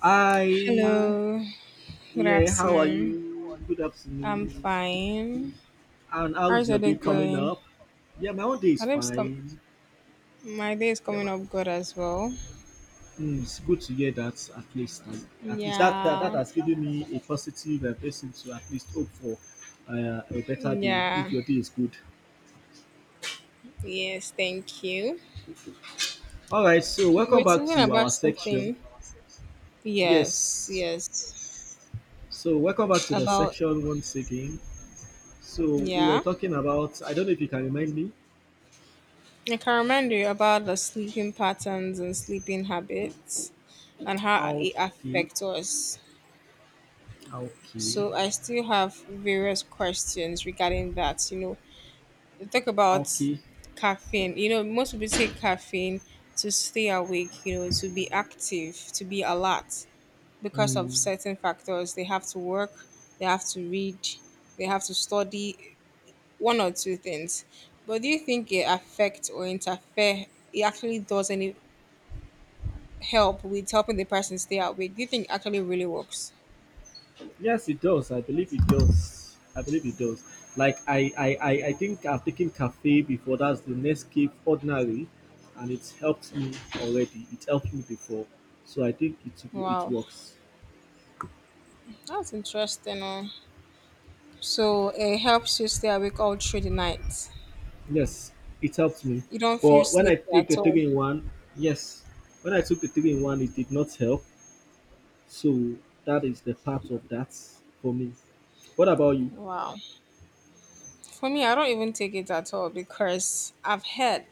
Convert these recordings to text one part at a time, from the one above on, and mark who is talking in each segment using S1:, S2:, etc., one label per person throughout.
S1: Hi,
S2: Hello, good
S1: yeah, how are
S2: afternoon.
S1: you? Good
S2: I'm
S1: afternoon.
S2: fine.
S1: And how's
S2: How's your
S1: your
S2: day
S1: day coming
S2: going?
S1: up? Yeah, my own day
S2: My
S1: is
S2: day's com-
S1: fine.
S2: my day is
S1: Yeah,
S2: coming up good as well.
S1: it's good to hear that at least. At least that, that
S2: Yeah,
S1: has given me a positive person to at least hope for a better day
S2: yeah,
S1: if your day is good.
S2: yes, thank you.
S1: All right, so
S2: You
S1: welcome
S2: were
S1: back
S2: talking
S1: to
S2: about
S1: our section.
S2: something. Yes,
S1: Yes,
S2: yes.
S1: so welcome back to the
S2: About,
S1: section once again. So we were
S2: yeah.
S1: talking about, I don't know if you can remind me.
S2: I can remind you about the sleeping patterns and sleeping habits and how it
S1: Okay,
S2: affects us.
S1: okay.
S2: So I still have various questions regarding that, you know, they talk about
S1: Okay.
S2: caffeine. You know, most people take caffeine to stay awake, you know, to be active, to be alert because of
S1: Mm.
S2: certain factors. They have to work, they have to read, they have to study one or two things. But do you think it affects or interfere? It actually does any help with helping the person stay awake? Do you think it actually really works?
S1: Yes, it does. I believe it does. I believe it does. Like I think I've taken cafe before. That's the Nescafe ordinary, and it's helped me already. It helped me before, so I think it
S2: Wow,
S1: works.
S2: that's interesting. Oh. So it helps you stay awake all through the night.
S1: Yes, it helped me.
S2: You don't feel
S1: But when
S2: sleepy
S1: I
S2: at
S1: take the
S2: all.
S1: three in one, yes, when I took the three in one, it did not help. So that is the part of that for me. What about you?
S2: Wow. For me, I don't even take it at all because I've heard,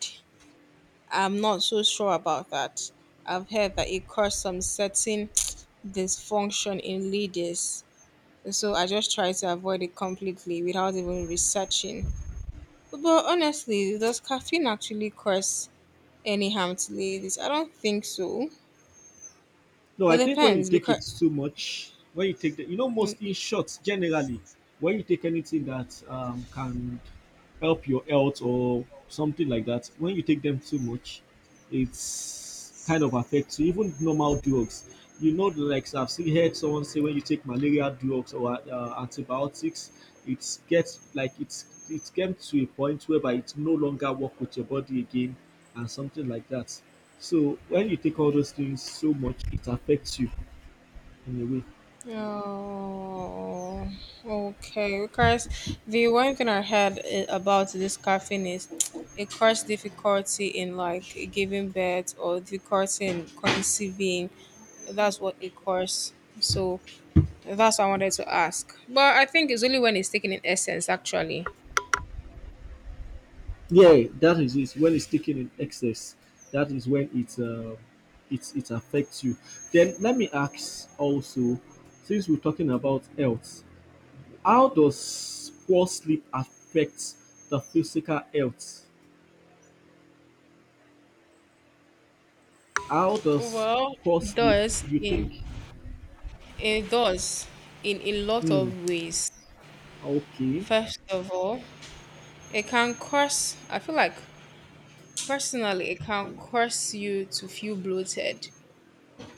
S2: I'm not so sure about that. I've heard that it caused some certain dysfunction in leaders. So I just try to avoid it completely without even researching. But honestly, does caffeine actually cause any harm to ladies? I don't think so.
S1: No,
S2: It
S1: I think when you
S2: depends
S1: take
S2: because
S1: it too much, when you take the, most in shots generally, when you take anything that can help your health or something like that. When you take them too much, it's kind of affects you. Even normal drugs, like I've seen heard someone say when you take malaria drugs or antibiotics, it gets like it came to a point whereby it no longer work with your body again and something like that. So when you take all those things so much, it affects you in a way.
S2: oh, okay. Because the one thing I heard about this caffeine is it causes difficulty in like giving birth or difficulty in conceiving. That's what it causes. So that's what I wanted to ask. But I think it's only when it's taken in essence, actually.
S1: Yeah, that is it. When it's taken in excess, that is when it affects you. Then let me ask also, since we're talking about health, how does poor sleep affect the physical health? How does
S2: Well,
S1: poor
S2: it
S1: sleep
S2: does
S1: you
S2: in
S1: think?
S2: it does in a lot
S1: Hmm,
S2: of ways.
S1: okay.
S2: First of all, it can cause I feel like personally, it can cause you to feel bloated.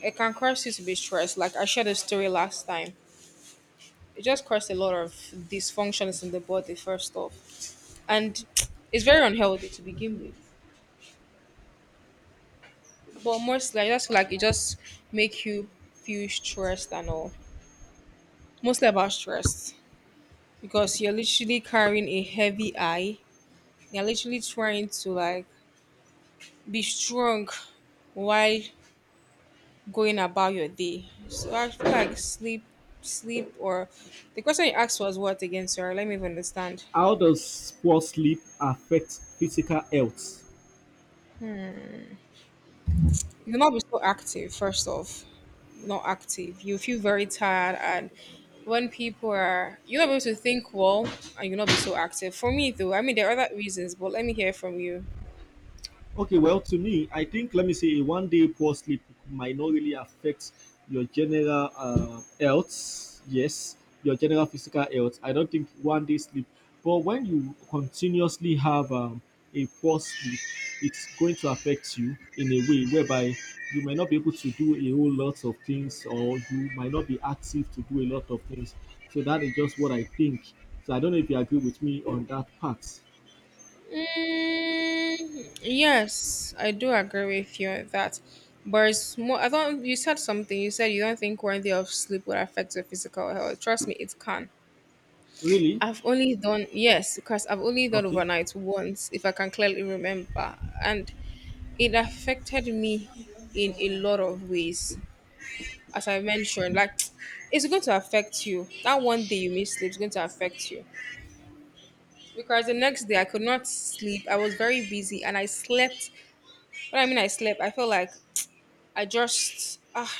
S2: It can cause you to be stressed. Like I shared a story last time. It just caused a lot of dysfunctions in the body, first off. And it's very unhealthy to begin with. But mostly, I just feel like it just make you feel stressed and all. Mostly about stress. Because you're literally carrying a heavy eye. You're literally trying to like be strong while going about your day. So I feel like sleep, or the question you asked was what again, sir? Let me even understand.
S1: How does poor sleep affect physical health?
S2: You will not be so active, first off, not active. You feel very tired, and when people are, you're not able to think well, and you'll not be so active. For me, though, I mean, there are other reasons, but let me hear from you.
S1: Okay, well, to me, I think let me say a one day poor sleep might not really affect your general health. Yes, your general physical health. I don't think one day sleep, but when you continuously have a poor sleep, it's going to affect you in a way whereby you might not be able to do a whole lot of things, or you might not be active to do a lot of things. So that is just what I think. So I don't know if you agree with me on that part.
S2: Mm, yes, I do agree with you on that. But it's more, I thought you said something. You said you don't think worthy of sleep would affect your physical health. Trust me, it can.
S1: Really?
S2: I've only done yes, because I've only done
S1: Okay.
S2: overnight once, if I can clearly remember, and it affected me in a lot of ways. As I mentioned, like it's going to affect you. That one day you miss sleep is going to affect you because the next day I could not sleep. I was very busy and I slept. What I mean, I slept. I felt like I just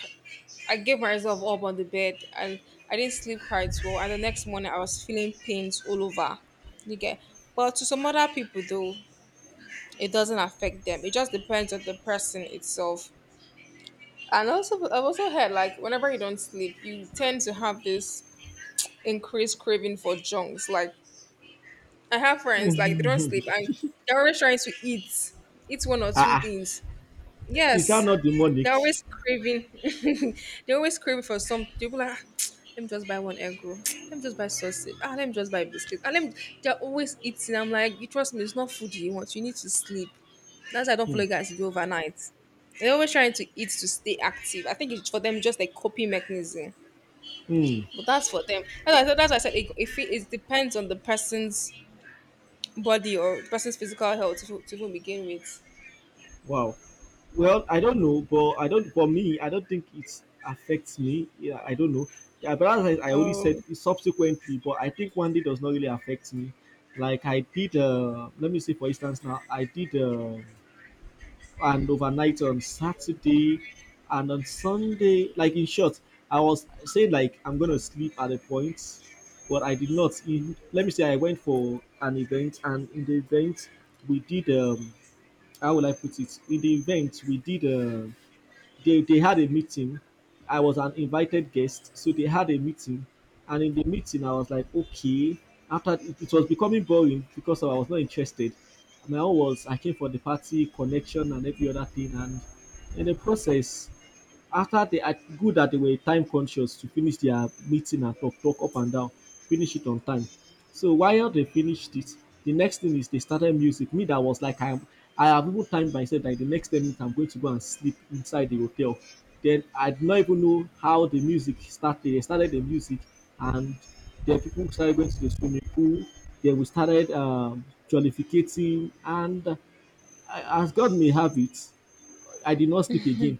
S2: I gave myself up on the bed and I didn't sleep quite well. And the next morning I was feeling pains all over. You get, but to some other people though, it doesn't affect them. It just depends on the person itself. And also, I've also heard like whenever you don't sleep, you tend to have this increased craving for junks. Like I have friends like they don't sleep and they're always trying to eat one or two
S1: Ah, ah.
S2: things.
S1: Is that
S2: Yes,
S1: not demonic?
S2: they're always craving. They are always craving for some. They'll be like, "Ah, let me just buy one egg roll. Let me just buy sausage. Ah, let me just buy biscuit. And them, they're always eating. I'm like, you trust me, it's not food you want. You need to sleep. That's why I don't
S1: Hmm.
S2: follow guys to do overnight. They're always trying to eat to stay active. I think it's for them just like coping mechanism.
S1: Hmm.
S2: But that's for them. That's why I said it, if it, it depends on the person's body or the person's physical health to even begin with.
S1: Wow. Well, I don't know, but I don't. For me, I don't think it affects me. Yeah, I don't know. Yeah, but as I only said
S2: Oh,
S1: it's subsequently, but I think one day does not really affect me. Like I did. Let me say, for instance, now I did. And overnight on Saturday and on Sunday. Like in short, I was saying like I'm gonna sleep at a point, but I did not. Let me say I went for an event, and in the event we did how will I put it? In the event we did they had a meeting. I was an invited guest, so they had a meeting, and in the meeting I was like, okay. After it, it was becoming boring because I was not interested. My own was I came for the party connection and every other thing, and in the process, after they are good that they were time conscious to finish their meeting and talk, talk up and down, finish it on time. So while they finished it, the next thing is they started music. Me, that was like I have even timed myself that the next 10 minutes I'm going to go and sleep inside the hotel. Then I did not even know how the music started. They started the music, and the people started going to the swimming pool. Then we started jollificating, and as God may have it, I did not sleep again.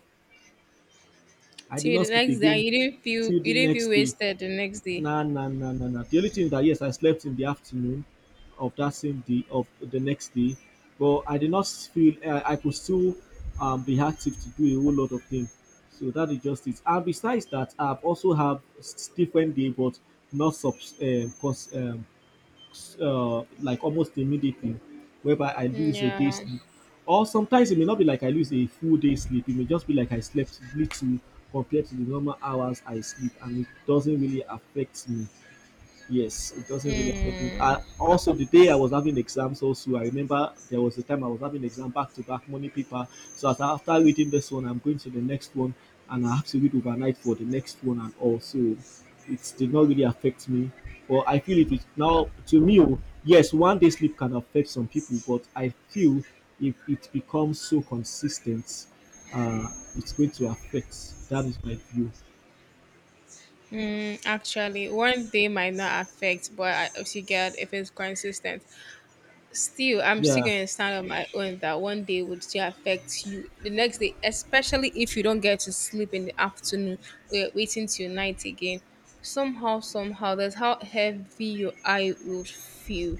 S1: I did
S2: till the
S1: not sleep
S2: next day, and
S1: again till
S2: you
S1: the
S2: didn't feel
S1: next day.
S2: wasted the next day.
S1: Nah, nah, nah, nah, nah. The only thing is that yes, I slept in the afternoon of that same day of the next day, but I did not feel I could still be active to do a whole lot of things. So that is just it. And besides that, I've also have different day, but not um, cons- um, like almost immediately, whereby I lose a day
S2: Yeah.
S1: sleep. Or sometimes it may not be like I lose a full day sleep. It may just be like I slept little compared to the normal hours I sleep, and it doesn't really affect me. Yes, it doesn't really affect me.
S2: Mm,
S1: Also, the day I was having exams, also, I remember there was a time I was having exam back to back morning paper. So, as after reading this one, I'm going to the next one, and I have to read overnight for the next one, and also, it did not really affect me. But I feel if it now to me, oh, yes, one day sleep can affect some people, but I feel if it becomes so consistent, it's going to affect. That is my view.
S2: actually, one day might not affect, but I, if you get if it's consistent, still I'm still
S1: Yeah,
S2: gonna stand on my own that one day would still affect you the next day, especially if you don't get to sleep in the afternoon. We're waiting till night again. Somehow, somehow, that's how heavy your eye would feel.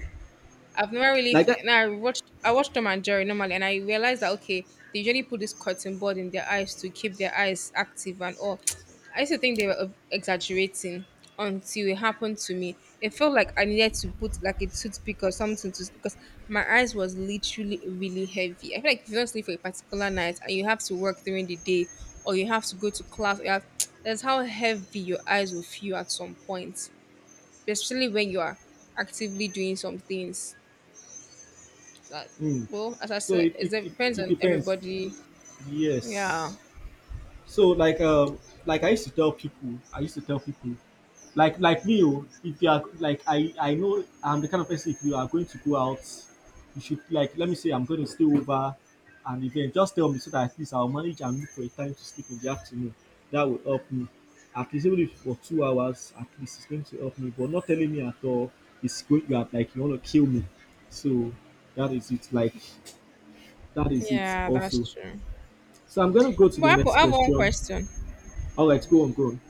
S2: I've never really
S1: like that.
S2: now I watched Tom and Jerry normally and I realized that okay, they usually put this cotton board in their eyes to keep their eyes active and all. I used to think they were exaggerating until it happened to me. It felt like I needed to put like a toothpick or something to because my eyes was literally really heavy. I feel like if you don't sleep for a particular night and you have to work during the day or you have to go to class, you have, that's how heavy your eyes will feel at some point, especially when you are actively doing some things. That
S1: Mm.
S2: well, as I
S1: So
S2: said,
S1: it,
S2: it
S1: it, it,
S2: depends
S1: it
S2: on
S1: depends.
S2: everybody. Yeah.
S1: Yes. So like I used to tell people, like me, oh, if you are like I know I'm the kind of person if you are going to go out, you should like let me say I'm going to stay over an event. Just tell me so that at least I'll manage and look for a time to sleep in the afternoon. That will help me. At least even if for 2 hours, at least it's going to help me. But not telling me at all, it's going to like you want to kill me. So that is it. Like that is it
S2: Yeah,
S1: also.
S2: that's true.
S1: So I'm gonna go to
S2: But
S1: the
S2: Apple,
S1: next
S2: I have one
S1: question.
S2: question.
S1: All right, go on, go on.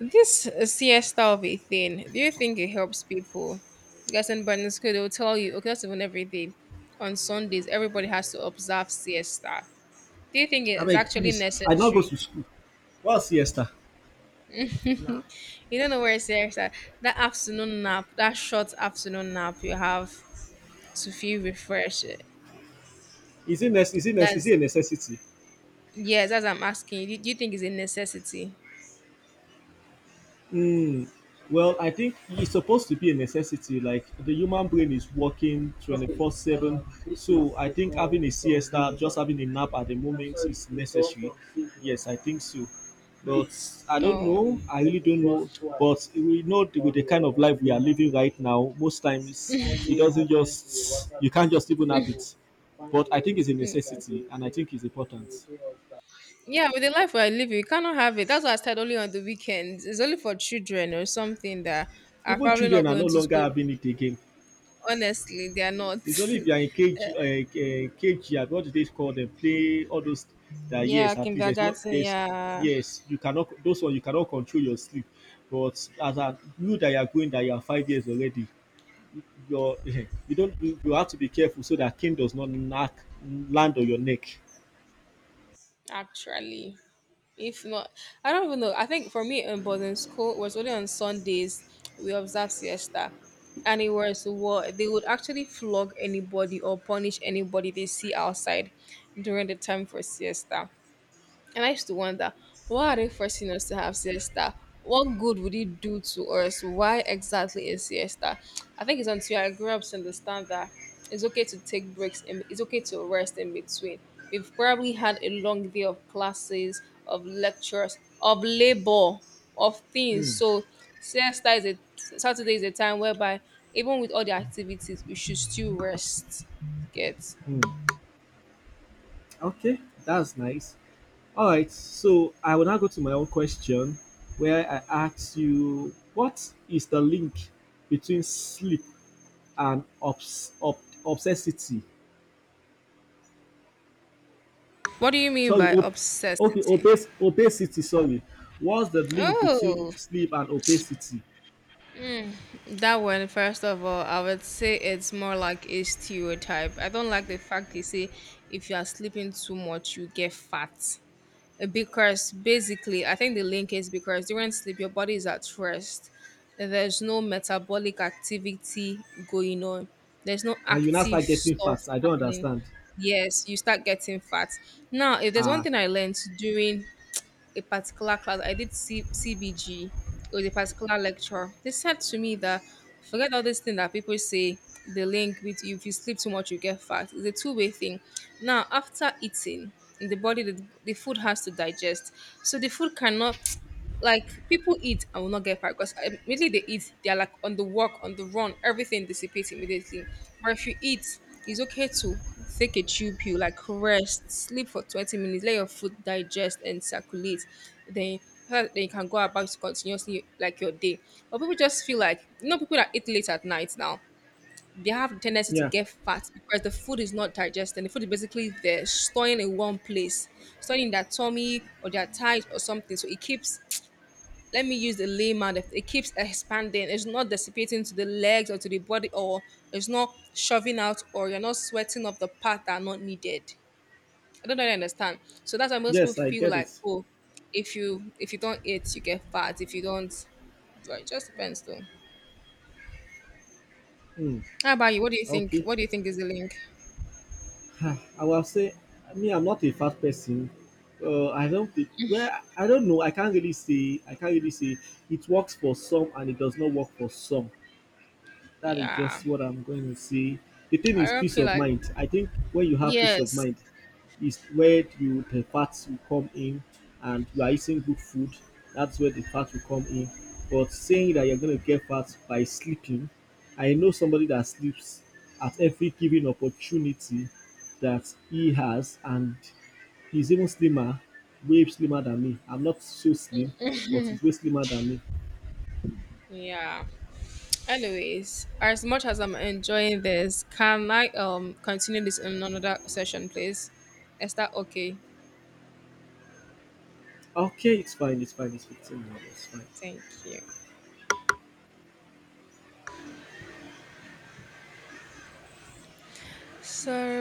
S2: This siesta of a thing, do you think it helps people? Because in Sunday school, they'll tell you, okay, that's even every day. On Sundays, everybody has to observe siesta. Do you think
S1: I
S2: it's
S1: beg,
S2: actually
S1: please. I now go to
S2: necessary?
S1: school. What's siesta? Nah.
S2: You don't know where it's siesta, that afternoon nap, that short afternoon nap you have to feel refreshed.
S1: Is it nec- is it nec- is
S2: That's,
S1: it a necessity?
S2: yes, that's what I'm asking you. Do you think it's a necessity?
S1: Hmm. Well, I think it's supposed to be a necessity. Like the human brain is working 24/7. So I think having a siesta, just having a nap at the moment is necessary. Yes, I think so. But I don't
S2: Oh.
S1: know. I really don't know. But we know with the kind of life we are living right now, most times it doesn't just, you can't just even have it. But I think it's a
S2: Mm,
S1: necessity and I think it's important.
S2: yeah, with the life we are living, we cannot have it. That's why I said only on the weekends. It's only for children or something that are
S1: Even
S2: probably not
S1: children are no
S2: going to
S1: longer
S2: school.
S1: having it again.
S2: Honestly, they are not.
S1: It's only if you are in KG, KG, what do they call them? Play all those that
S2: Yeah,
S1: yes, at least there's no
S2: kindergarten.
S1: there's
S2: Yeah,
S1: yes, you cannot those one you cannot control your sleep. But as a you that you are going that you are 5 years already, your you don't you have to be careful so that king does not knock land on your neck.
S2: actually, if not, I don't even know. I think for me in boarding school it was only on Sundays we observe siesta, and it was what they would actually flog anybody or punish anybody they see outside during the time for siesta. And I used to wonder, why are they forcing us to have siesta? What good would it do to us? Why exactly is siesta? I think it's until I grew up to understand that it's okay to take breaks and it's okay to rest in between. We've probably had a long day of classes, of lectures, of labor, of things.
S1: Hmm.
S2: So siesta is a Saturday is a time whereby even with all the activities, we should still rest. Get
S1: Hmm. Okay, that's nice. All right, so I will now go to my own question where I ask you what is the link between sleep and obsessity.
S2: what do you mean
S1: Sorry,
S2: by
S1: okay,
S2: obsessity?
S1: obesity. Sorry, what's the link between
S2: Oh.
S1: sleep and obesity?
S2: That one, first of all, I would say it's more like a stereotype. I don't like the fact they say if you are sleeping too much, you get fat. Because basically, I think the link is because during sleep, your body is at rest. There's no metabolic activity going on, there's no
S1: And you now
S2: active
S1: start getting
S2: stuff
S1: fat. I don't
S2: happening.
S1: understand.
S2: Yes, you start getting fat. Now, if there's one
S1: Ah,
S2: thing I learned during a particular class, I did CBG. It was a particular lecture. They said to me that forget all this thing that people say the link with if you sleep too much you get fat. It's a two-way thing. Now after eating in the body the food has to digest. So the food cannot like people eat and will not get fat because immediately they eat, they are like on the walk, on the run, everything dissipates immediately. But if you eat, it's okay to take a chew pill, like rest, sleep for 20 minutes, let your food digest and circulate. Then so that you can go about it continuously like your day. But people just feel like you know people that eat late at night now they have the tendency to
S1: yeah,
S2: get fat because the food is not digested. The food is basically there storing in one place, storing in their tummy or their thighs or something. So it keeps let me use the layman it keeps expanding. It's not dissipating to the legs or to the body or it's not shoving out or you're not sweating off the part that are not needed. I don't really understand. So that's why most people
S1: yes, I
S2: feel
S1: get
S2: like,
S1: it.
S2: oh, if you don't eat, you get fat. If you don't, well, it just depends though.
S1: Hmm.
S2: How about you? What do you think?
S1: Okay,
S2: What do you think is the link?
S1: Ah, I will say, me, I'm not a fat person. I don't. Well, I don't know. I can't really say. I can't really say. It works for some, and it does not work for some. That is
S2: Yeah,
S1: just what I'm going to say. The thing
S2: I
S1: is
S2: don't
S1: peace
S2: feel
S1: of
S2: like
S1: mind. I think when you have peace of
S2: yes.
S1: mind, is where you the fats will come in, and you are eating good food. That's where the fat will come in. But saying that you're going to get fat by sleeping, I know somebody that sleeps at every given opportunity that he has, and he's even slimmer, way slimmer than me. I'm not so slim, but he's way slimmer than me.
S2: Yeah. Anyways, as much as I'm enjoying this, can I continue this in another session, please? Is that okay?
S1: Okay, it's fine, it's fine, it's 15 minutes, it's fine.
S2: Thank you. So